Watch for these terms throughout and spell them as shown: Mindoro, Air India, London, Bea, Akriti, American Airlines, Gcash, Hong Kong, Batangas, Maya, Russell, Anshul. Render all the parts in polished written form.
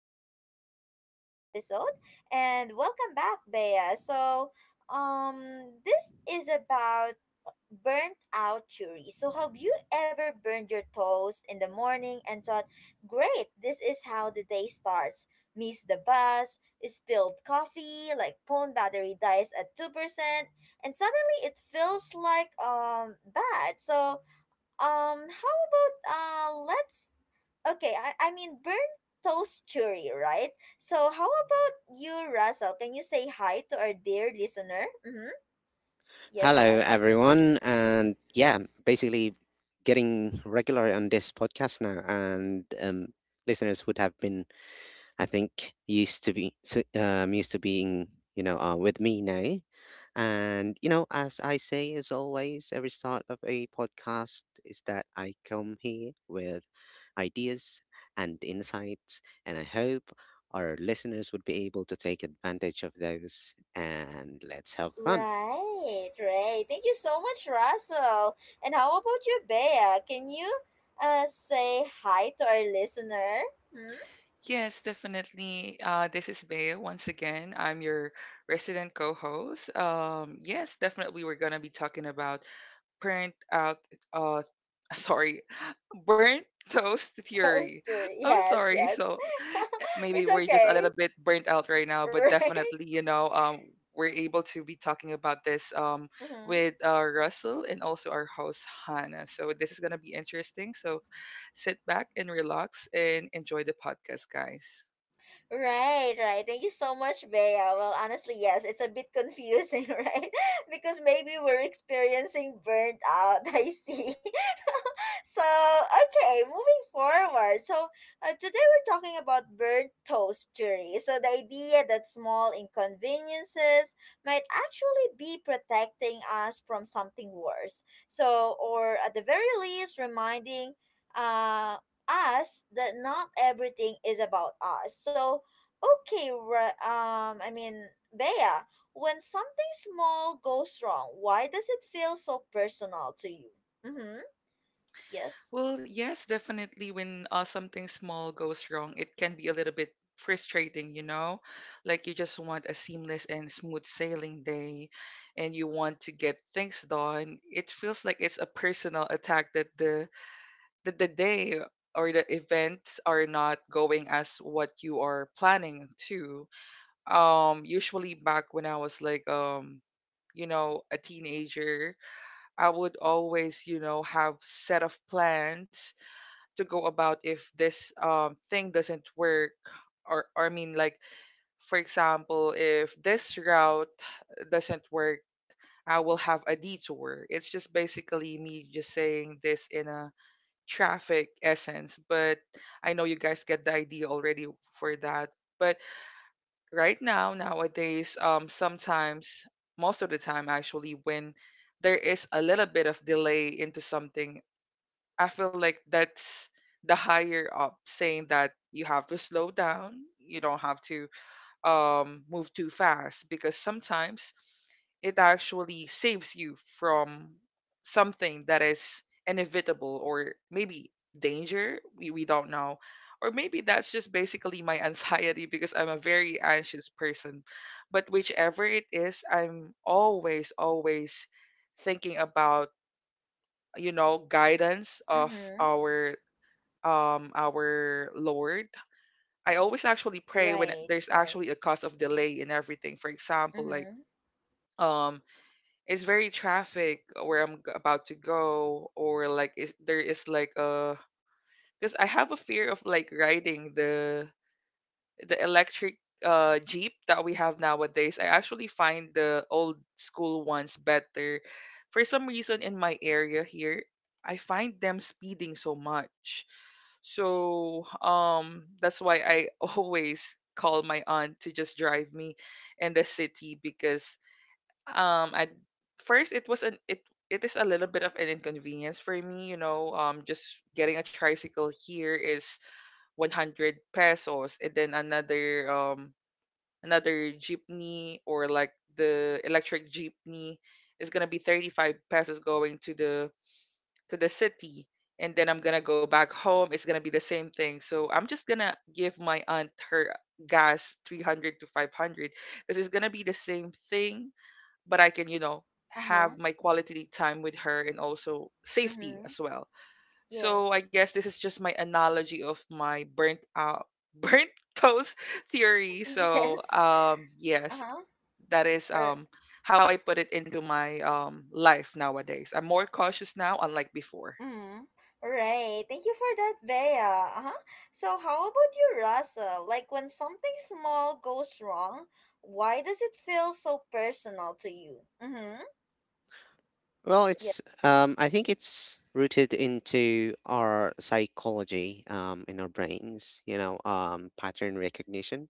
again to another episode. And welcome back, Bea. So, this is about burnt out jury. So, have you ever burned your toes in the morning and thought, great, this is how the day starts? Missed the bus, spilled coffee, like phone battery dies at 2%, and suddenly it feels like bad. So, how about let's okay, I mean burnt toast churi, right? So how about you, Russell? Can you say hi to our dear listener? Mm-hmm. Yes, Hello, Russell. everyone. And yeah, basically getting regular on this podcast now. And listeners would have been, I think, used to being, with me now. And, you know, as I say, as always, every start of a podcast is that I come here with ideas and insights. And I hope our listeners would be able to take advantage of those. And let's have fun. Right, right. Thank you so much, Russell. And how about you, Bea? Can you say hi to our listener? Hmm? Yes, definitely. This is Bea once again. I'm your resident co-host. Yes, definitely. We're gonna be talking about burnt out uh sorry, burnt toast theory. Toast churi. I'm Yes, sorry. yes. So, maybe It's we're just a okay, little bit burnt out right now, but right? definitely, we're able to be talking about this with Russell and also our host Hannah. So this is going to be interesting. So sit back and relax and enjoy the podcast, guys. Right, right. Thank you so much, Bea. Well, honestly, yes, it's a bit confusing, right? Because maybe we're experiencing burnt out. I see. So, okay, moving forward. So, today we're talking about burnt toast theory. So, the idea that small inconveniences might actually be protecting us from something worse. So, or at the very least, reminding Uh, us that not everything is about us. So, okay, I mean, Bea, when something small goes wrong, why does it feel so personal to you? Mm-hmm. Yes. Well, yes, definitely. When something small goes wrong, it can be a little bit frustrating, you know? Like you just want a seamless and smooth sailing day and you want to get things done. It feels like it's a personal attack that the day or the events are not going as what you are planning to. Usually back when I was like a teenager, I would always, have set of plans to go about if this thing doesn't work, or I mean, like, for example, if this route doesn't work, I will have a detour. It's just basically me just saying this in a traffic essence, but I know you guys get the idea already for that. But right now, nowadays, sometimes, most of the time actually, when there is a little bit of delay into something, I feel like that's the higher up saying that you have to slow down, you don't have to move too fast, because sometimes it actually saves you from something that is inevitable, or maybe danger. We don't know. Or maybe that's just basically my anxiety, because I'm a very anxious person. But whichever it is, I'm always, always thinking about guidance of Mm-hmm. our our Lord. I always actually pray when Right. there's Right. actually a cause of delay in everything. For example, like, Mm-hmm. um it's very traffic where about to go, or like, is there, is like a, because I have a fear of like riding the electric jeep that we have nowadays. I actually find the old school ones better. For some reason, in my area here, I find them speeding so much. So that's why I always call my aunt to just drive me in the city, because I first it was an it it is a little bit of an inconvenience for me, you know. Just getting a tricycle here is 100 pesos, and then another jeepney, or like the electric jeepney, is going to be 35 pesos going to the city, and then I'm gonna go back home. It's gonna be the same thing. So I'm just gonna give my aunt her gas, 300 to 500, because it's gonna be the same thing, but I can, you know, Uh-huh. have my quality time with her, and also safety Mm-hmm. as well. So I Yes. guess this is just my analogy of my burnt toast theory. So Yes. Yes, Uh-huh. that is er, how I put it into my life nowadays. I'm more cautious now, unlike before. Mm, right. Thank you for that, Bea. Uh-huh. So, how about you, Russell? Like, when something small goes wrong, why does it feel so personal to you? Mm-hmm. Well, Yeah. it's I think it's rooted into our psychology in our brains. Pattern recognition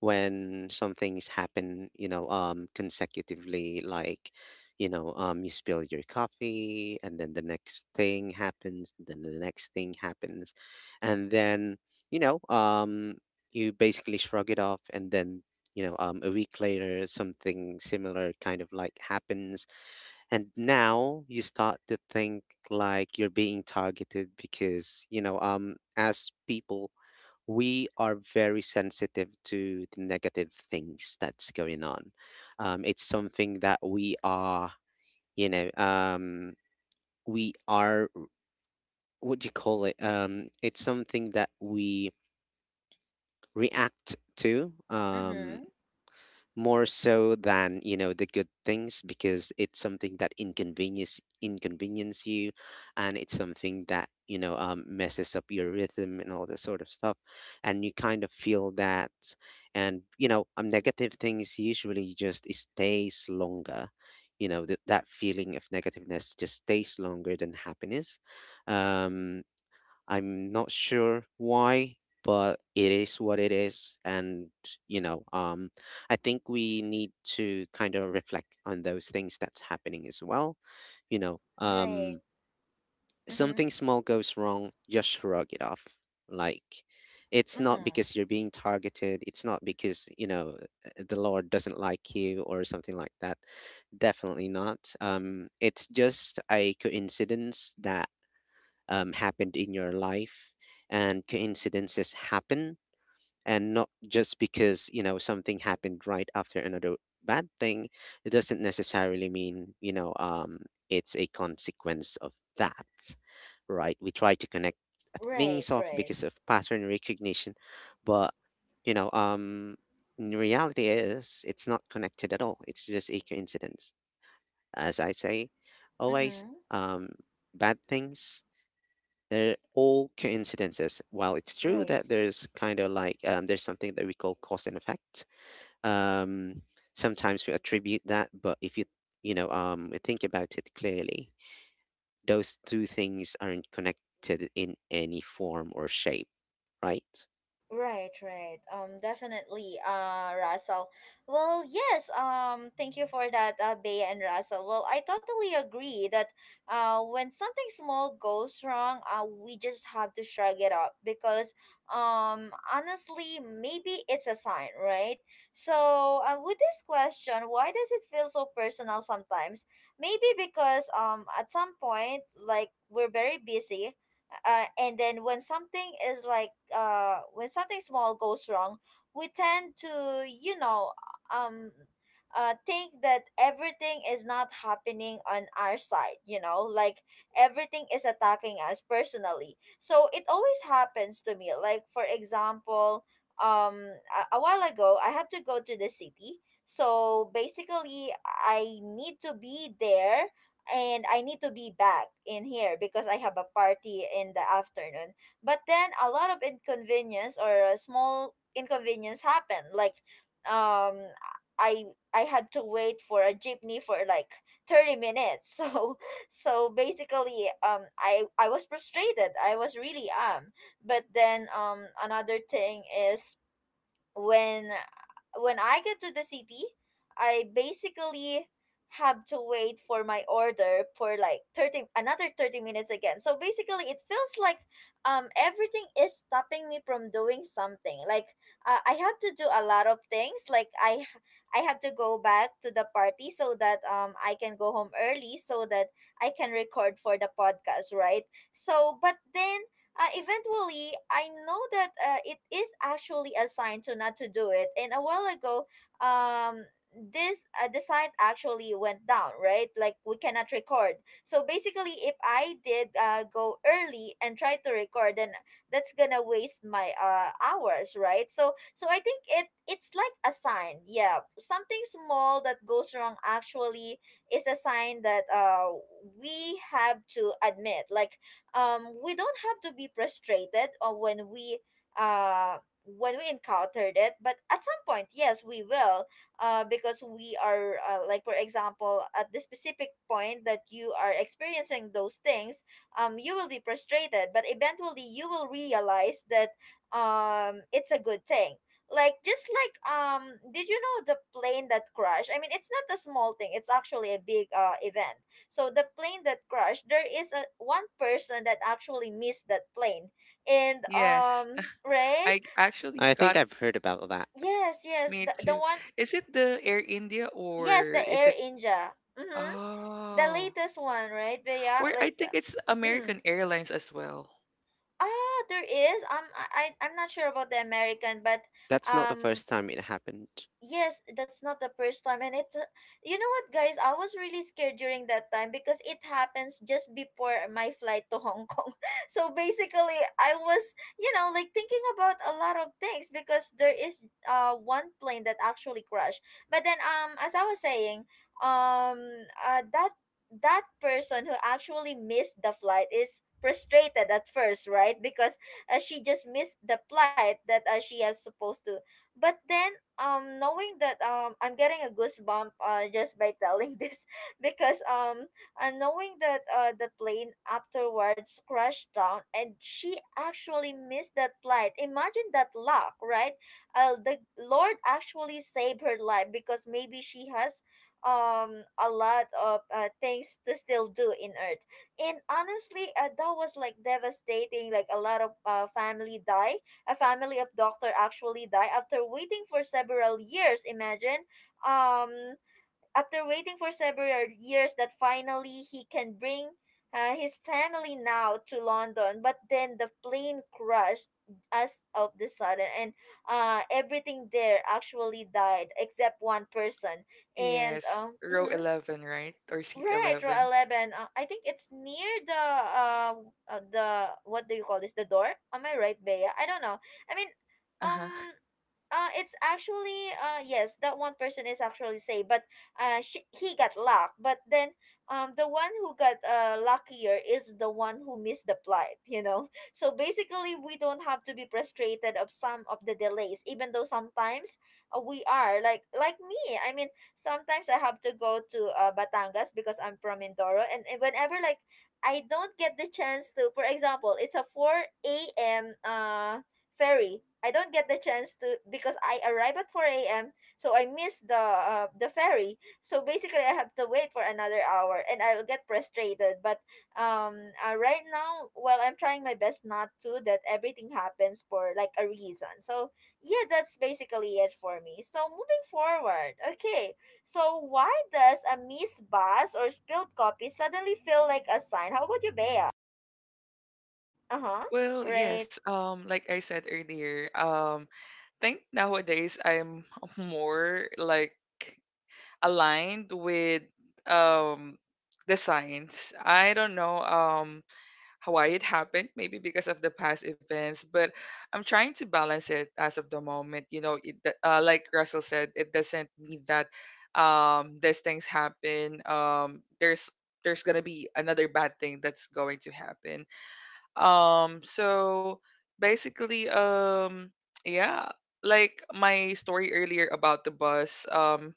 when some things happen. Consecutively, like you know, you spill your coffee, and then the next thing happens, then the next thing happens, and then you know, um, you basically shrug it off, and then a week later, something similar kind of like happens, and now you start to think like you're being targeted, because you know as people we are very sensitive to the negative things that's going on. It's something that we are, you know, we are, what do you call it? It's something that we react to Mm-hmm. more so than, you know, the good things, because it's something that inconvenience you. And it's something that, you know, messes up your rhythm and all this sort of stuff, and you kind of feel that. And you know, negative things usually just stays longer. You know, that feeling of negativeness just stays longer than happiness. um I'm not sure why, but it is what it is. And, you know, um, I think we need to kind of reflect on those things that's happening as well. You know, Right. um, Mm-hmm. something small goes wrong, just shrug it off. Like, it's not Mm-hmm. because you're being targeted. It's not because, you know, the Lord doesn't like you or something like that. Definitely not. It's just a coincidence that happened in your life, and coincidences happen. And not just because, you know, something happened right after another bad thing, it doesn't necessarily mean, you know, it's a consequence of that, right? We try to connect Right, things off right. because of pattern recognition, but you know, in reality is it's not connected at all. It's just a coincidence, as I say always. Mm-hmm. um Bad things, they're all coincidences. While it's true that Right. there's kind of like there's something that we call cause and effect. Um, sometimes we attribute that, but if you, you know, think about it clearly, those two things aren't connected in any form or shape, right? Right, right. Definitely, Russell. Well, yes, thank you for that, Bea and Russell. Well, I totally agree that when something small goes wrong, we just have to shrug it up because, honestly, maybe it's a sign, right? So, with this question, why does it feel so personal sometimes? Maybe because, at some point, like, we're very busy, and then when something is like when something small goes wrong, we tend to, um think that everything is not happening on our side, you know, like everything is attacking us personally. So it always happens to me, like for example, um a while ago I had to go to the city. So basically, I need to be there, and I need to be back in here because I have a party in the afternoon. But then a lot of inconvenience or a small inconvenience happened. Like um I I had to wait for a jeepney for like 30 minutes. So basically I was frustrated. I was really am. But then another thing is when I get to the city, I basically have to wait for my order for like 30, another 30 minutes again. So basically it feels like everything is stopping me from doing something. Like, I have to do a lot of things. Like I have to go back to the party so that I can go home early so that I can record for the podcast, right? So but then eventually I know that it is actually a sign to not to do it, and a while ago um this the site actually went down, right? Like we cannot record. So basically, if I did go early and try to record, then that's gonna waste my hours, right? So I think it's like a sign. Yeah, something small that goes wrong actually is a sign that we have to admit, like, we don't have to be frustrated when we uh, encountered it. But at some point, yes, we will, because we are, like for example, at this specific point that you are experiencing those things, you will be frustrated. But eventually, you will realize that it's a good thing, like just like, did you know the plane that crashed? I mean, it's not a small thing, it's actually a big event. So the plane that crashed, there is a one person that actually missed that plane, and Yes, right? I S- actually I think got I've heard about that. Yes, yes, me the to. one, Is it the Air India, or yes, the is Air it? India, mm-hmm. The Oh, latest one, right? But yeah, or I like, think it's mm. American Airlines as well. Ah, there is. I'm not sure about the American, but That's not the um, first time it happened. yes, that's not the first time. And it's, you know what, guys, I was really scared during that time because it happens just before my flight to Hong Kong. So basically, I was, like thinking about a lot of things because there is one plane that actually crashed. But then as I was saying, um uh that that person who actually missed the flight is frustrated at first, right? Because she just missed the flight that she has supposed to. But then knowing that I'm getting a goosebump just by telling this, because knowing that the plane afterwards crashed down and she actually missed that flight. Imagine that luck, right? The Lord actually saved her life because maybe she has a lot of things to still do in earth. And honestly, that was like devastating, like a lot of family died. A family of doctor actually died after waiting for several years. Imagine, um, after waiting for several years, that finally he can bring his family now to London. But then the plane crashed as of the sudden, and everything there actually died except one person. And Yes, row mhm, 11, right? Or seat right, row 11. 11. I think it's near the what do you call this? The door? Am I right, Bea? I don't know. I mean, Uh-huh. um it's actually yes, that one person is actually safe, but she, he got locked. But then the one who got luckier is the one who missed the flight, you know. So basically, we don't have to be frustrated of some of the delays, even though sometimes we are like me. I mean, sometimes I have to go to Batangas because I'm from Mindoro, and whenever like I don't get the chance to, for example, it's a 4 a.m. Ferry. I don't get the chance to because I arrive at 4 a.m. So I miss the ferry. So basically, I have to wait for another hour, and I'll get frustrated. But right now, well, I'm trying my best not to. That everything happens for like a reason. So yeah, that's basically it for me. So moving forward, okay. So why does a misbus or spilled coffee suddenly feel like a sign? How about you, Bea? Uh huh. Well, Right. yes. Like I said earlier, think nowadays I'm more like aligned with um the science. I don't know. How, why it happened, maybe because of the past events, but I'm trying to balance it as of the moment. Like Russell said, it doesn't mean that these things happen. There's gonna be another bad thing that's going to happen. So basically, yeah, like my story earlier about the bus.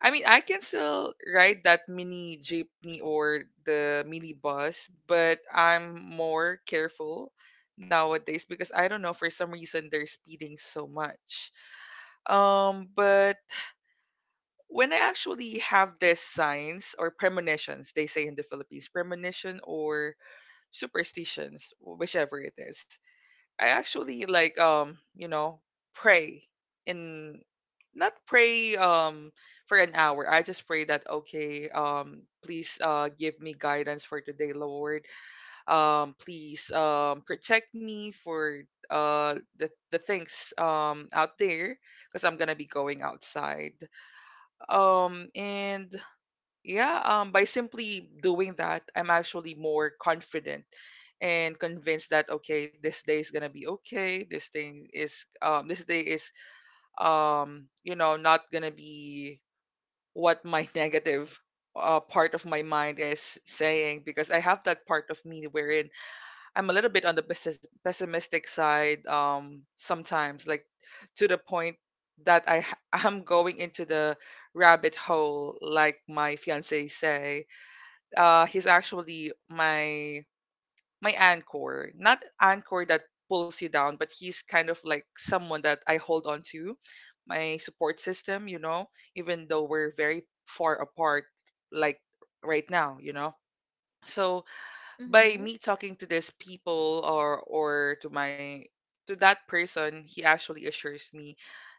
I mean, I can still ride that mini jeepney or the mini bus, but I'm more careful nowadays, because I don't know, for some reason they're speeding so much. But when I actually have these signs or premonitions, they say in the Philippines, premonition or superstitions, whichever it is. I actually, like, pray in not pray for an hour. I just pray that, okay, please give me guidance for today, Lord. Please protect me for the things out there, because I'm going to be going outside. And yeah, by simply doing that, I'm actually more confident and convinced that, okay, this day is gonna be okay. This day is not gonna be what my negative part of my mind is saying, because I have that part of me wherein I'm a little bit on the pessimistic side, sometimes, like, to the point that I'm going into the rabbit hole, like my fiance say. He's actually my anchor, not anchor that pulls you down, but he's kind of like someone that I hold on to, my support system. You know, even though we're very far apart, like right now, you know. So by Mm-hmm. me talking to these people, or to my, to that person, he actually assures me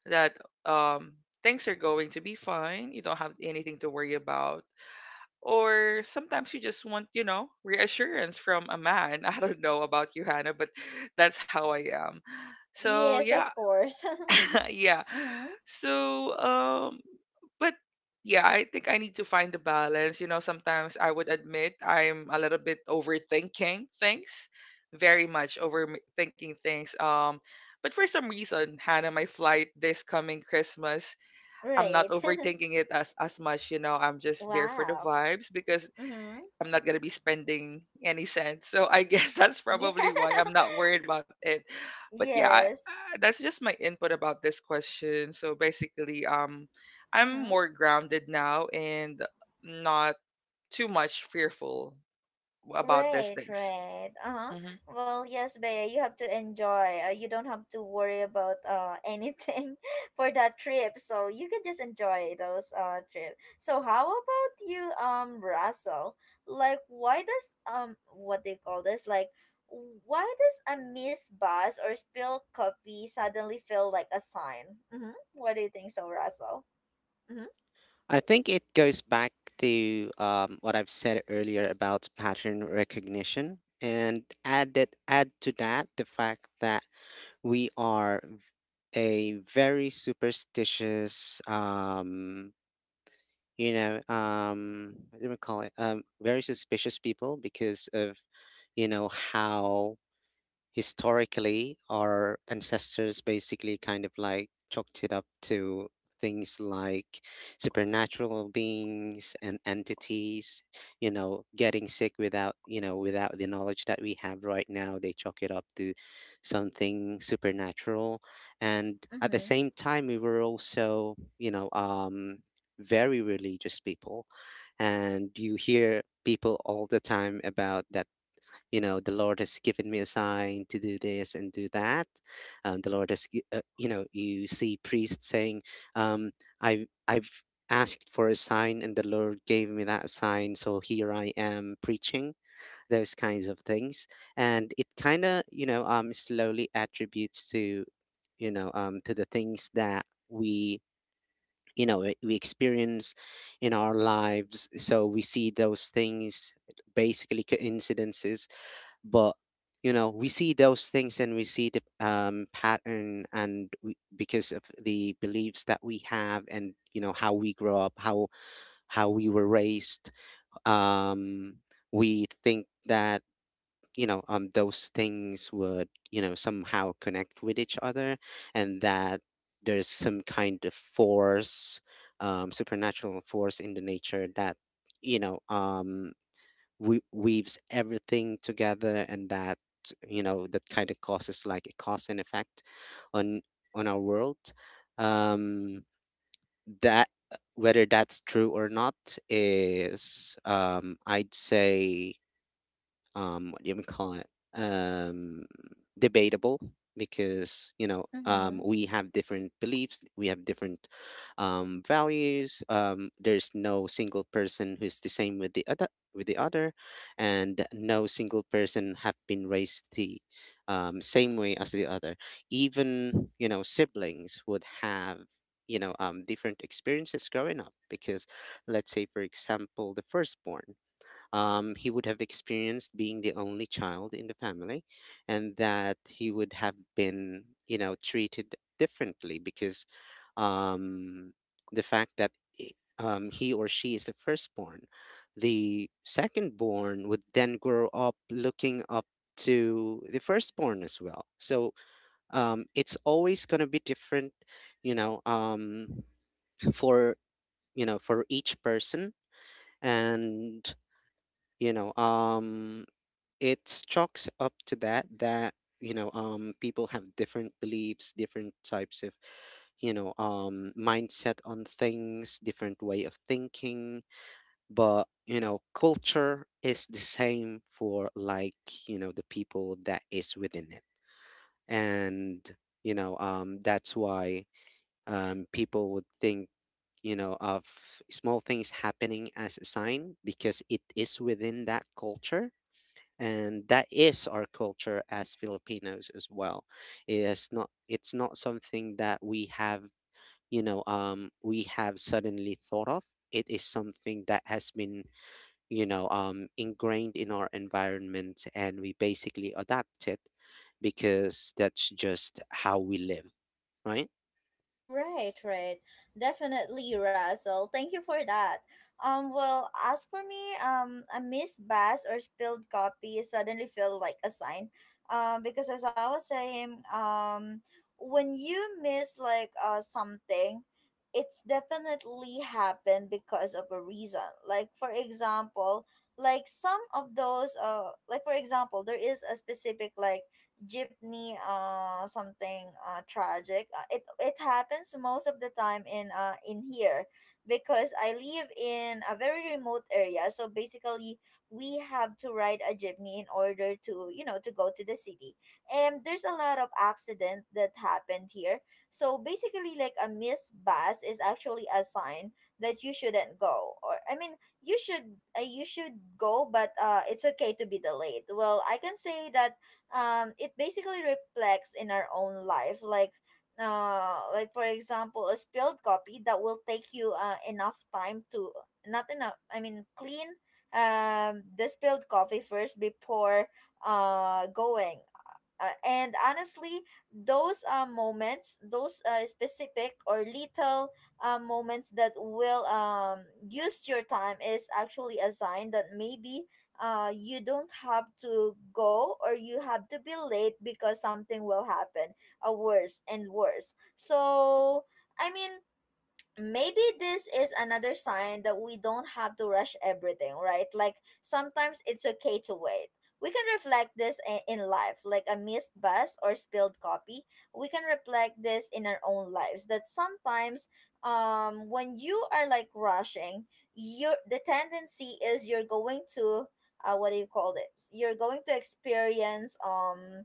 that um things are going to be fine. You don't have anything to worry about. Or sometimes you just want, you know, reassurance from a man. I don't know about you, Hannah, but that's how I am. So Yes, yeah, of course. yeah. Mm-hmm. So but yeah, I think I need to find the balance. You know, sometimes I would admit I'm a little bit overthinking things, very much overthinking things. But for some reason, Hannah, my flight this coming Christmas, I'm not Right. overthinking it as much. You know, I'm just there for the Wow. vibes, because Mm-hmm. I'm not gonna be spending any cents. So I guess that's Yeah. probably why I'm not worried about it. But yeah, Yes. That's just my input about this question. So basically, I'm Mm-hmm. more grounded now, and not too much fearful about these Right, things. right. Uh-huh. Hmm. Well, yes, Bea, you have to enjoy. You don't have to worry about anything for that trip. So you can just enjoy those trip. So how about you, Russell? Like, why does, what they call this? Like, why does a missed bus or spilled copy suddenly feel like a sign? Mm-hmm. What do you think, so Russell? Mm-hmm. I think it goes back to what I've said earlier about pattern recognition, and add that, add to that the fact that we are v- a very superstitious, you know, what do we call it? Very suspicious people because of, you know, how historically, our ancestors basically kind of like chalked it up to things like supernatural beings and entities, you know, getting sick without, you know, without the knowledge that we have right now. They chalk it up to something supernatural. And at the Mm-hmm. same time, we were also, very religious people. And you hear people all the time about that, you know, the Lord has given me a sign to do this and do that. The Lord has you know, you see priests saying, um, I've asked for a sign and the Lord gave me that sign, so here I am preaching those kinds of things. And it kind of, you know, slowly attributes to, you know, to the things that we, you know, we experience in our lives. So we see those things, basically coincidences. But you know, we see those things and we see the pattern, and we, because of the beliefs that we have and you know how we grow up, how we were raised, um, we think that, you know, those things would, you know, somehow connect with each other, and that there's some kind of force, supernatural force in the nature that, you know, weaves everything together, and that, you know, that kind of causes like a cause and effect on on our world. um that, whether that's true or not, is, I'd say, what do you call it? Um, debatable. Because you know, Mm-hmm. we have different beliefs, we have different values. There's no single person who's the same with the other, and no single person have been raised the same way as the other. Even, you know, siblings would have, you know, different experiences growing up, because let's say for example the firstborn, he would have experienced being the only child in the family, and that he would have been, you know, treated differently because, um, the fact that i- he or she is the firstborn. The secondborn would then grow up looking up to the firstborn as well. So it's always going to be different, you know, for, you know, for each person. And you know, it chalks up to that that, you know, people have different beliefs, different types of, you know, mindset on things, different way of thinking. But you know, culture is the same for like, you know, the people that is within it. And you know, that's why people would think, you know, of small things happening as a sign, because it is within that culture, and that is our culture as Filipinos as well. It is not, it's not something that we have, you know, we have suddenly thought of. It is something that has been, you know, ingrained in our environment, and we basically adapt it because that's just how we live, right? Right, right. Definitely, Russell. Thank you for that. Well, as for me, a missed bus or spilled copy suddenly feel like a sign. Because as I was saying, when you miss like something, it's definitely happened because of a reason. Like for example, like some of those, like for example, there is a specific like jeepney something tragic, it happens most of the time in here because I live in a very remote area. So basically, we have to ride a jeepney in order to, to go to the city, and there's a lot of accident that happened here. So basically, like a missed bus is actually a sign that you shouldn't go, or I mean, you should go, but it's okay to be delayed. Well, I can say that it basically reflects in our own life, like for example a spilled copy that will take you enough time to, not enough, I mean, clean the spilled coffee first before going. And honestly, those, moments, those, specific or little moments that will use your time is actually a sign that maybe, you don't have to go or you have to be late because something will happen, worse and worse. So, I mean, maybe this is another sign that we don't have to rush everything, right? Like sometimes it's okay to wait. We can reflect this, in life, like a missed bus or spilled copy. We can reflect this in our own lives that sometimes, when you are like rushing, you the tendency is you're going to, what do you call this? You're going to experience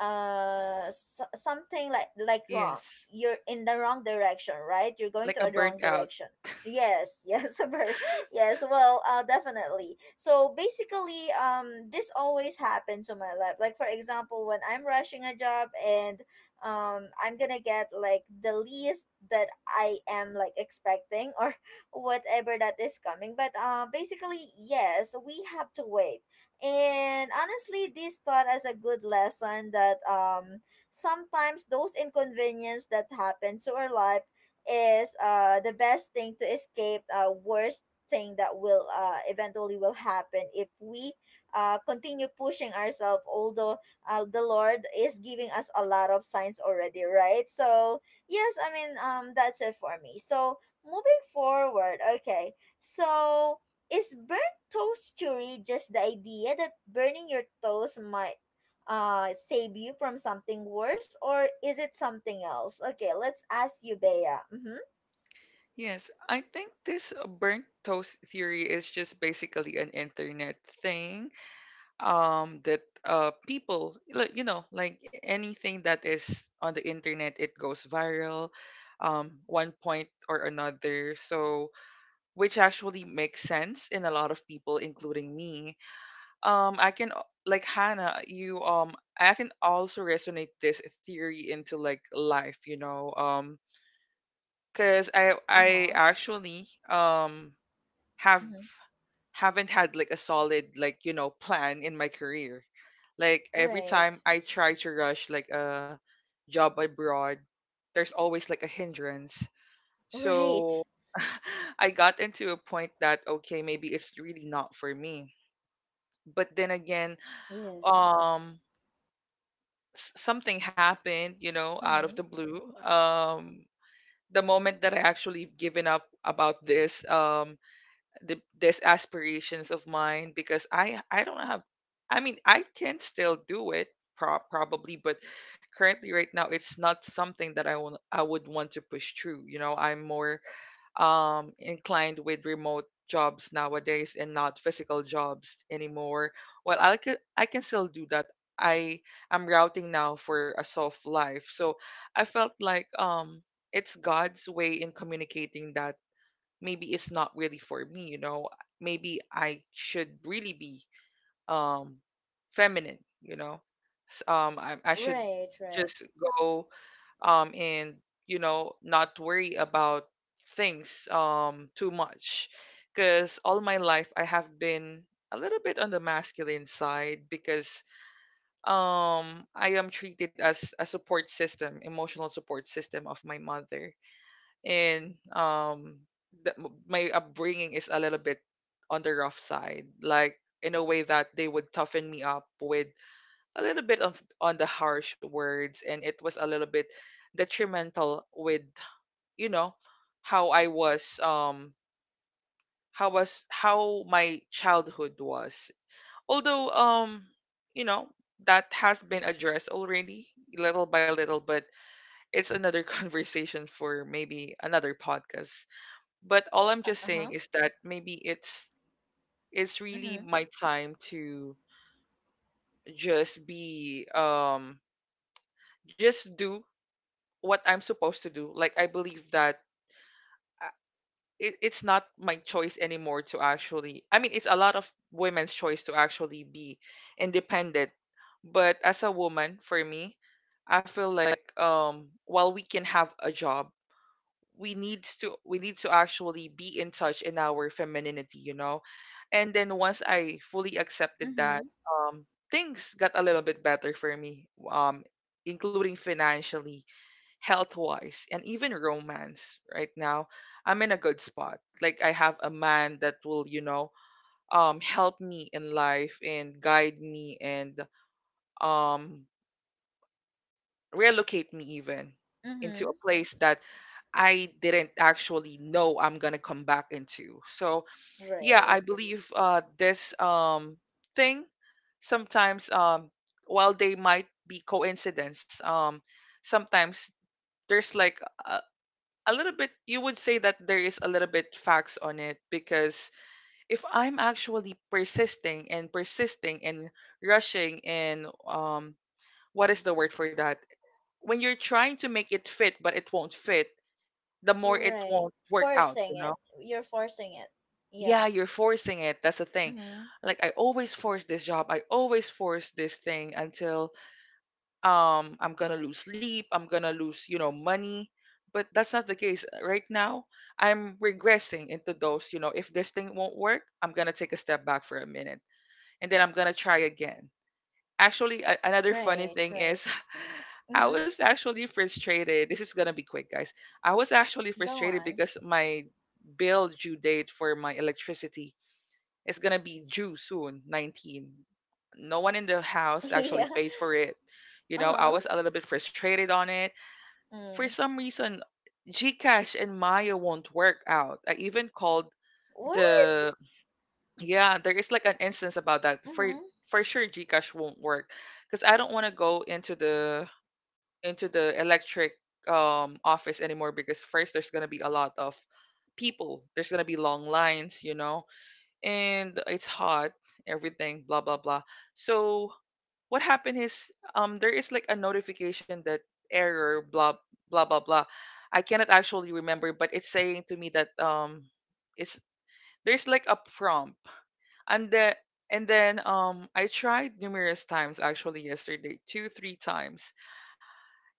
s something like wrong. Yes, You're in the wrong direction, right? You're going to like a a wrong burnt out. direction. Yes. Yes, yes. Well, definitely, so basically this always happens to my life, like for example when I'm rushing a job, and I'm gonna get like the least that I am like expecting or whatever that is coming. But basically, yes, we have to wait. And honestly, this taught us a good lesson that sometimes those inconvenience that happen to our life is the best thing to escape worst thing that will eventually will happen if we continue pushing ourselves, although the Lord is giving us a lot of signs already, right? So yes, I mean, that's it for me. So moving forward, okay. So is burnout toastery just the idea that burning your toast might save you from something worse, or is it something else? Okay, let's ask you, Bea. Mm-hmm. Yes, I think this burnt toast theory is just basically an internet thing that people, like, you know, like, anything that is on the internet, it goes viral one point or another. So, which actually makes sense in a lot of people, including me. I can like Hannah, you, I can also resonate this theory into, like, life, because I Uh-huh. actually have Mm-hmm. haven't had, like, a solid, like, you know, plan in my career. Like, every Right, time I try to rush like a job abroad, there's always like a hindrance. right. So I got into a point that, okay, maybe it's really not for me. But then again, Yes. um something happened, out of the Mm-hmm. blue. The moment that I actually given up about this, these aspirations of mine, because I don't have, I mean, I can still do it, probably, but currently right now, it's not something that I want, I would want to push through. I'm more inclined with remote jobs nowadays, and not physical jobs anymore. Well, I can still do that. I am routing now for a soft life. So I felt like it's God's way in communicating that maybe it's not really for me. You know, maybe I should really be um feminine, you know. I should Right, just right. go and, not worry about things too much, because all my life I have been a little bit on the masculine side, because I am treated as a support system, emotional support system, of my mother. And my upbringing is a little bit on the rough side, like in a way that they would toughen me up with a little bit of, on the harsh words, and it was a little bit detrimental with you know how I was how was how my childhood was. Although, you know that has been addressed already, little by little. But it's another conversation for maybe another podcast. But all I'm just saying Uh-huh. is that maybe it's really Mm-hmm. my time to just be, just do what I'm supposed to do. Like, I believe that uh, it, it's not my choice anymore to actually, I mean, it's a lot of women's choice to actually be independent. But as a woman, for me, I feel like while we can have a job, we need to actually be in touch in our femininity, you know. And then once I fully accepted that, Mm-hmm. um things got a little bit better for me, including financially, health wise, and even romance. Right now I'm in a good spot. Like, I have a man that will, help me in life and guide me, and um relocate me even into a Mm-hmm. place that I didn't actually know I'm gonna come back into. So yeah, I Right, believe this thing, sometimes, while they might be coincidence, sometimes there's like a, a little bit, you would say that there is a little bit facts on it. Because if I'm actually persisting and persisting, and rushing, and what is the word for that? When you're trying to make it fit but it won't fit, the more it right. won't work out. Forcing You it. know, You're forcing it. yeah, Yeah. you're forcing it. That's the thing. Mm-hmm. Like, I always force this job. I always force this thing until I'm gonna lose sleep. I'm gonna lose, money. But that's not the case right now. I'm regressing into those. You know, if this thing won't work, I'm gonna take a step back for a minute, and then I'm gonna try again. Actually, another funny Right, thing right. is, I Mm-hmm. was actually frustrated. This is gonna be quick, guys. I was actually Go frustrated on. because my bill due date for my electricity, it's gonna be due soon, 19. No one in the house Yeah. actually paid for it. You know, I Uh-huh. was a little bit frustrated on it. For Mm. some reason, Gcash and Maya won't work out. I even called What? the yeah, there is like an instance about that. For Mm-hmm. for sure Gcash won't work, because I don't want to go into the electric office anymore, because first, there's going to be a lot of people. There's going to be long lines, and it's hot, everything, blah blah blah. So what happened is, there is like a notification that, error, blah blah blah blah. I cannot actually remember, but it's saying to me that, it's there's like a prompt, and the and then I tried numerous times, actually, yesterday, two, three times.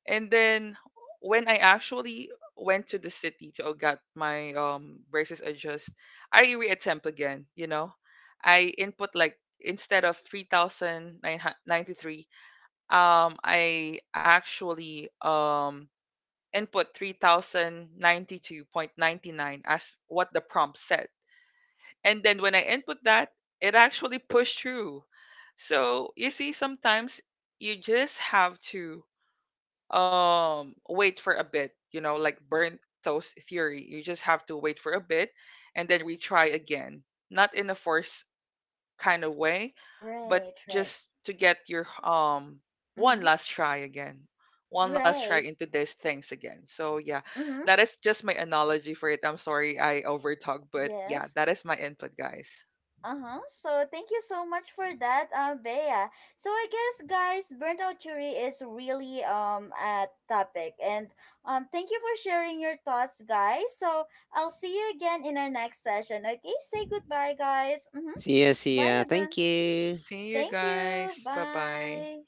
And then when I actually went to the city to get my braces adjust, I reattempt again, you know. I input, like, instead of 3993, I actually input 3092.99, as what the prompt said. And then when I input that, it actually pushed through. So, you see, sometimes you just have to wait for a bit, like burn toast theory, you just have to wait for a bit and then retry again, not in a forced kind of way, but Right, just right. to get your one Mm-hmm. last try again. One last try Right. into these things again. So yeah, Mm-hmm. that is just my analogy for it. I'm sorry I overtalk, but Yes. yeah, that is my input, guys. Uh-huh. So thank you so much for that, Bea. So I guess, guys, burnt out jury is really a topic. And thank you for sharing your thoughts, guys. So I'll see you again in our next session. Okay, say goodbye, guys. Mm-hmm. See ya, see Bye ya. everyone. Thank you. See you Thank you. guys. Bye bye. Bye.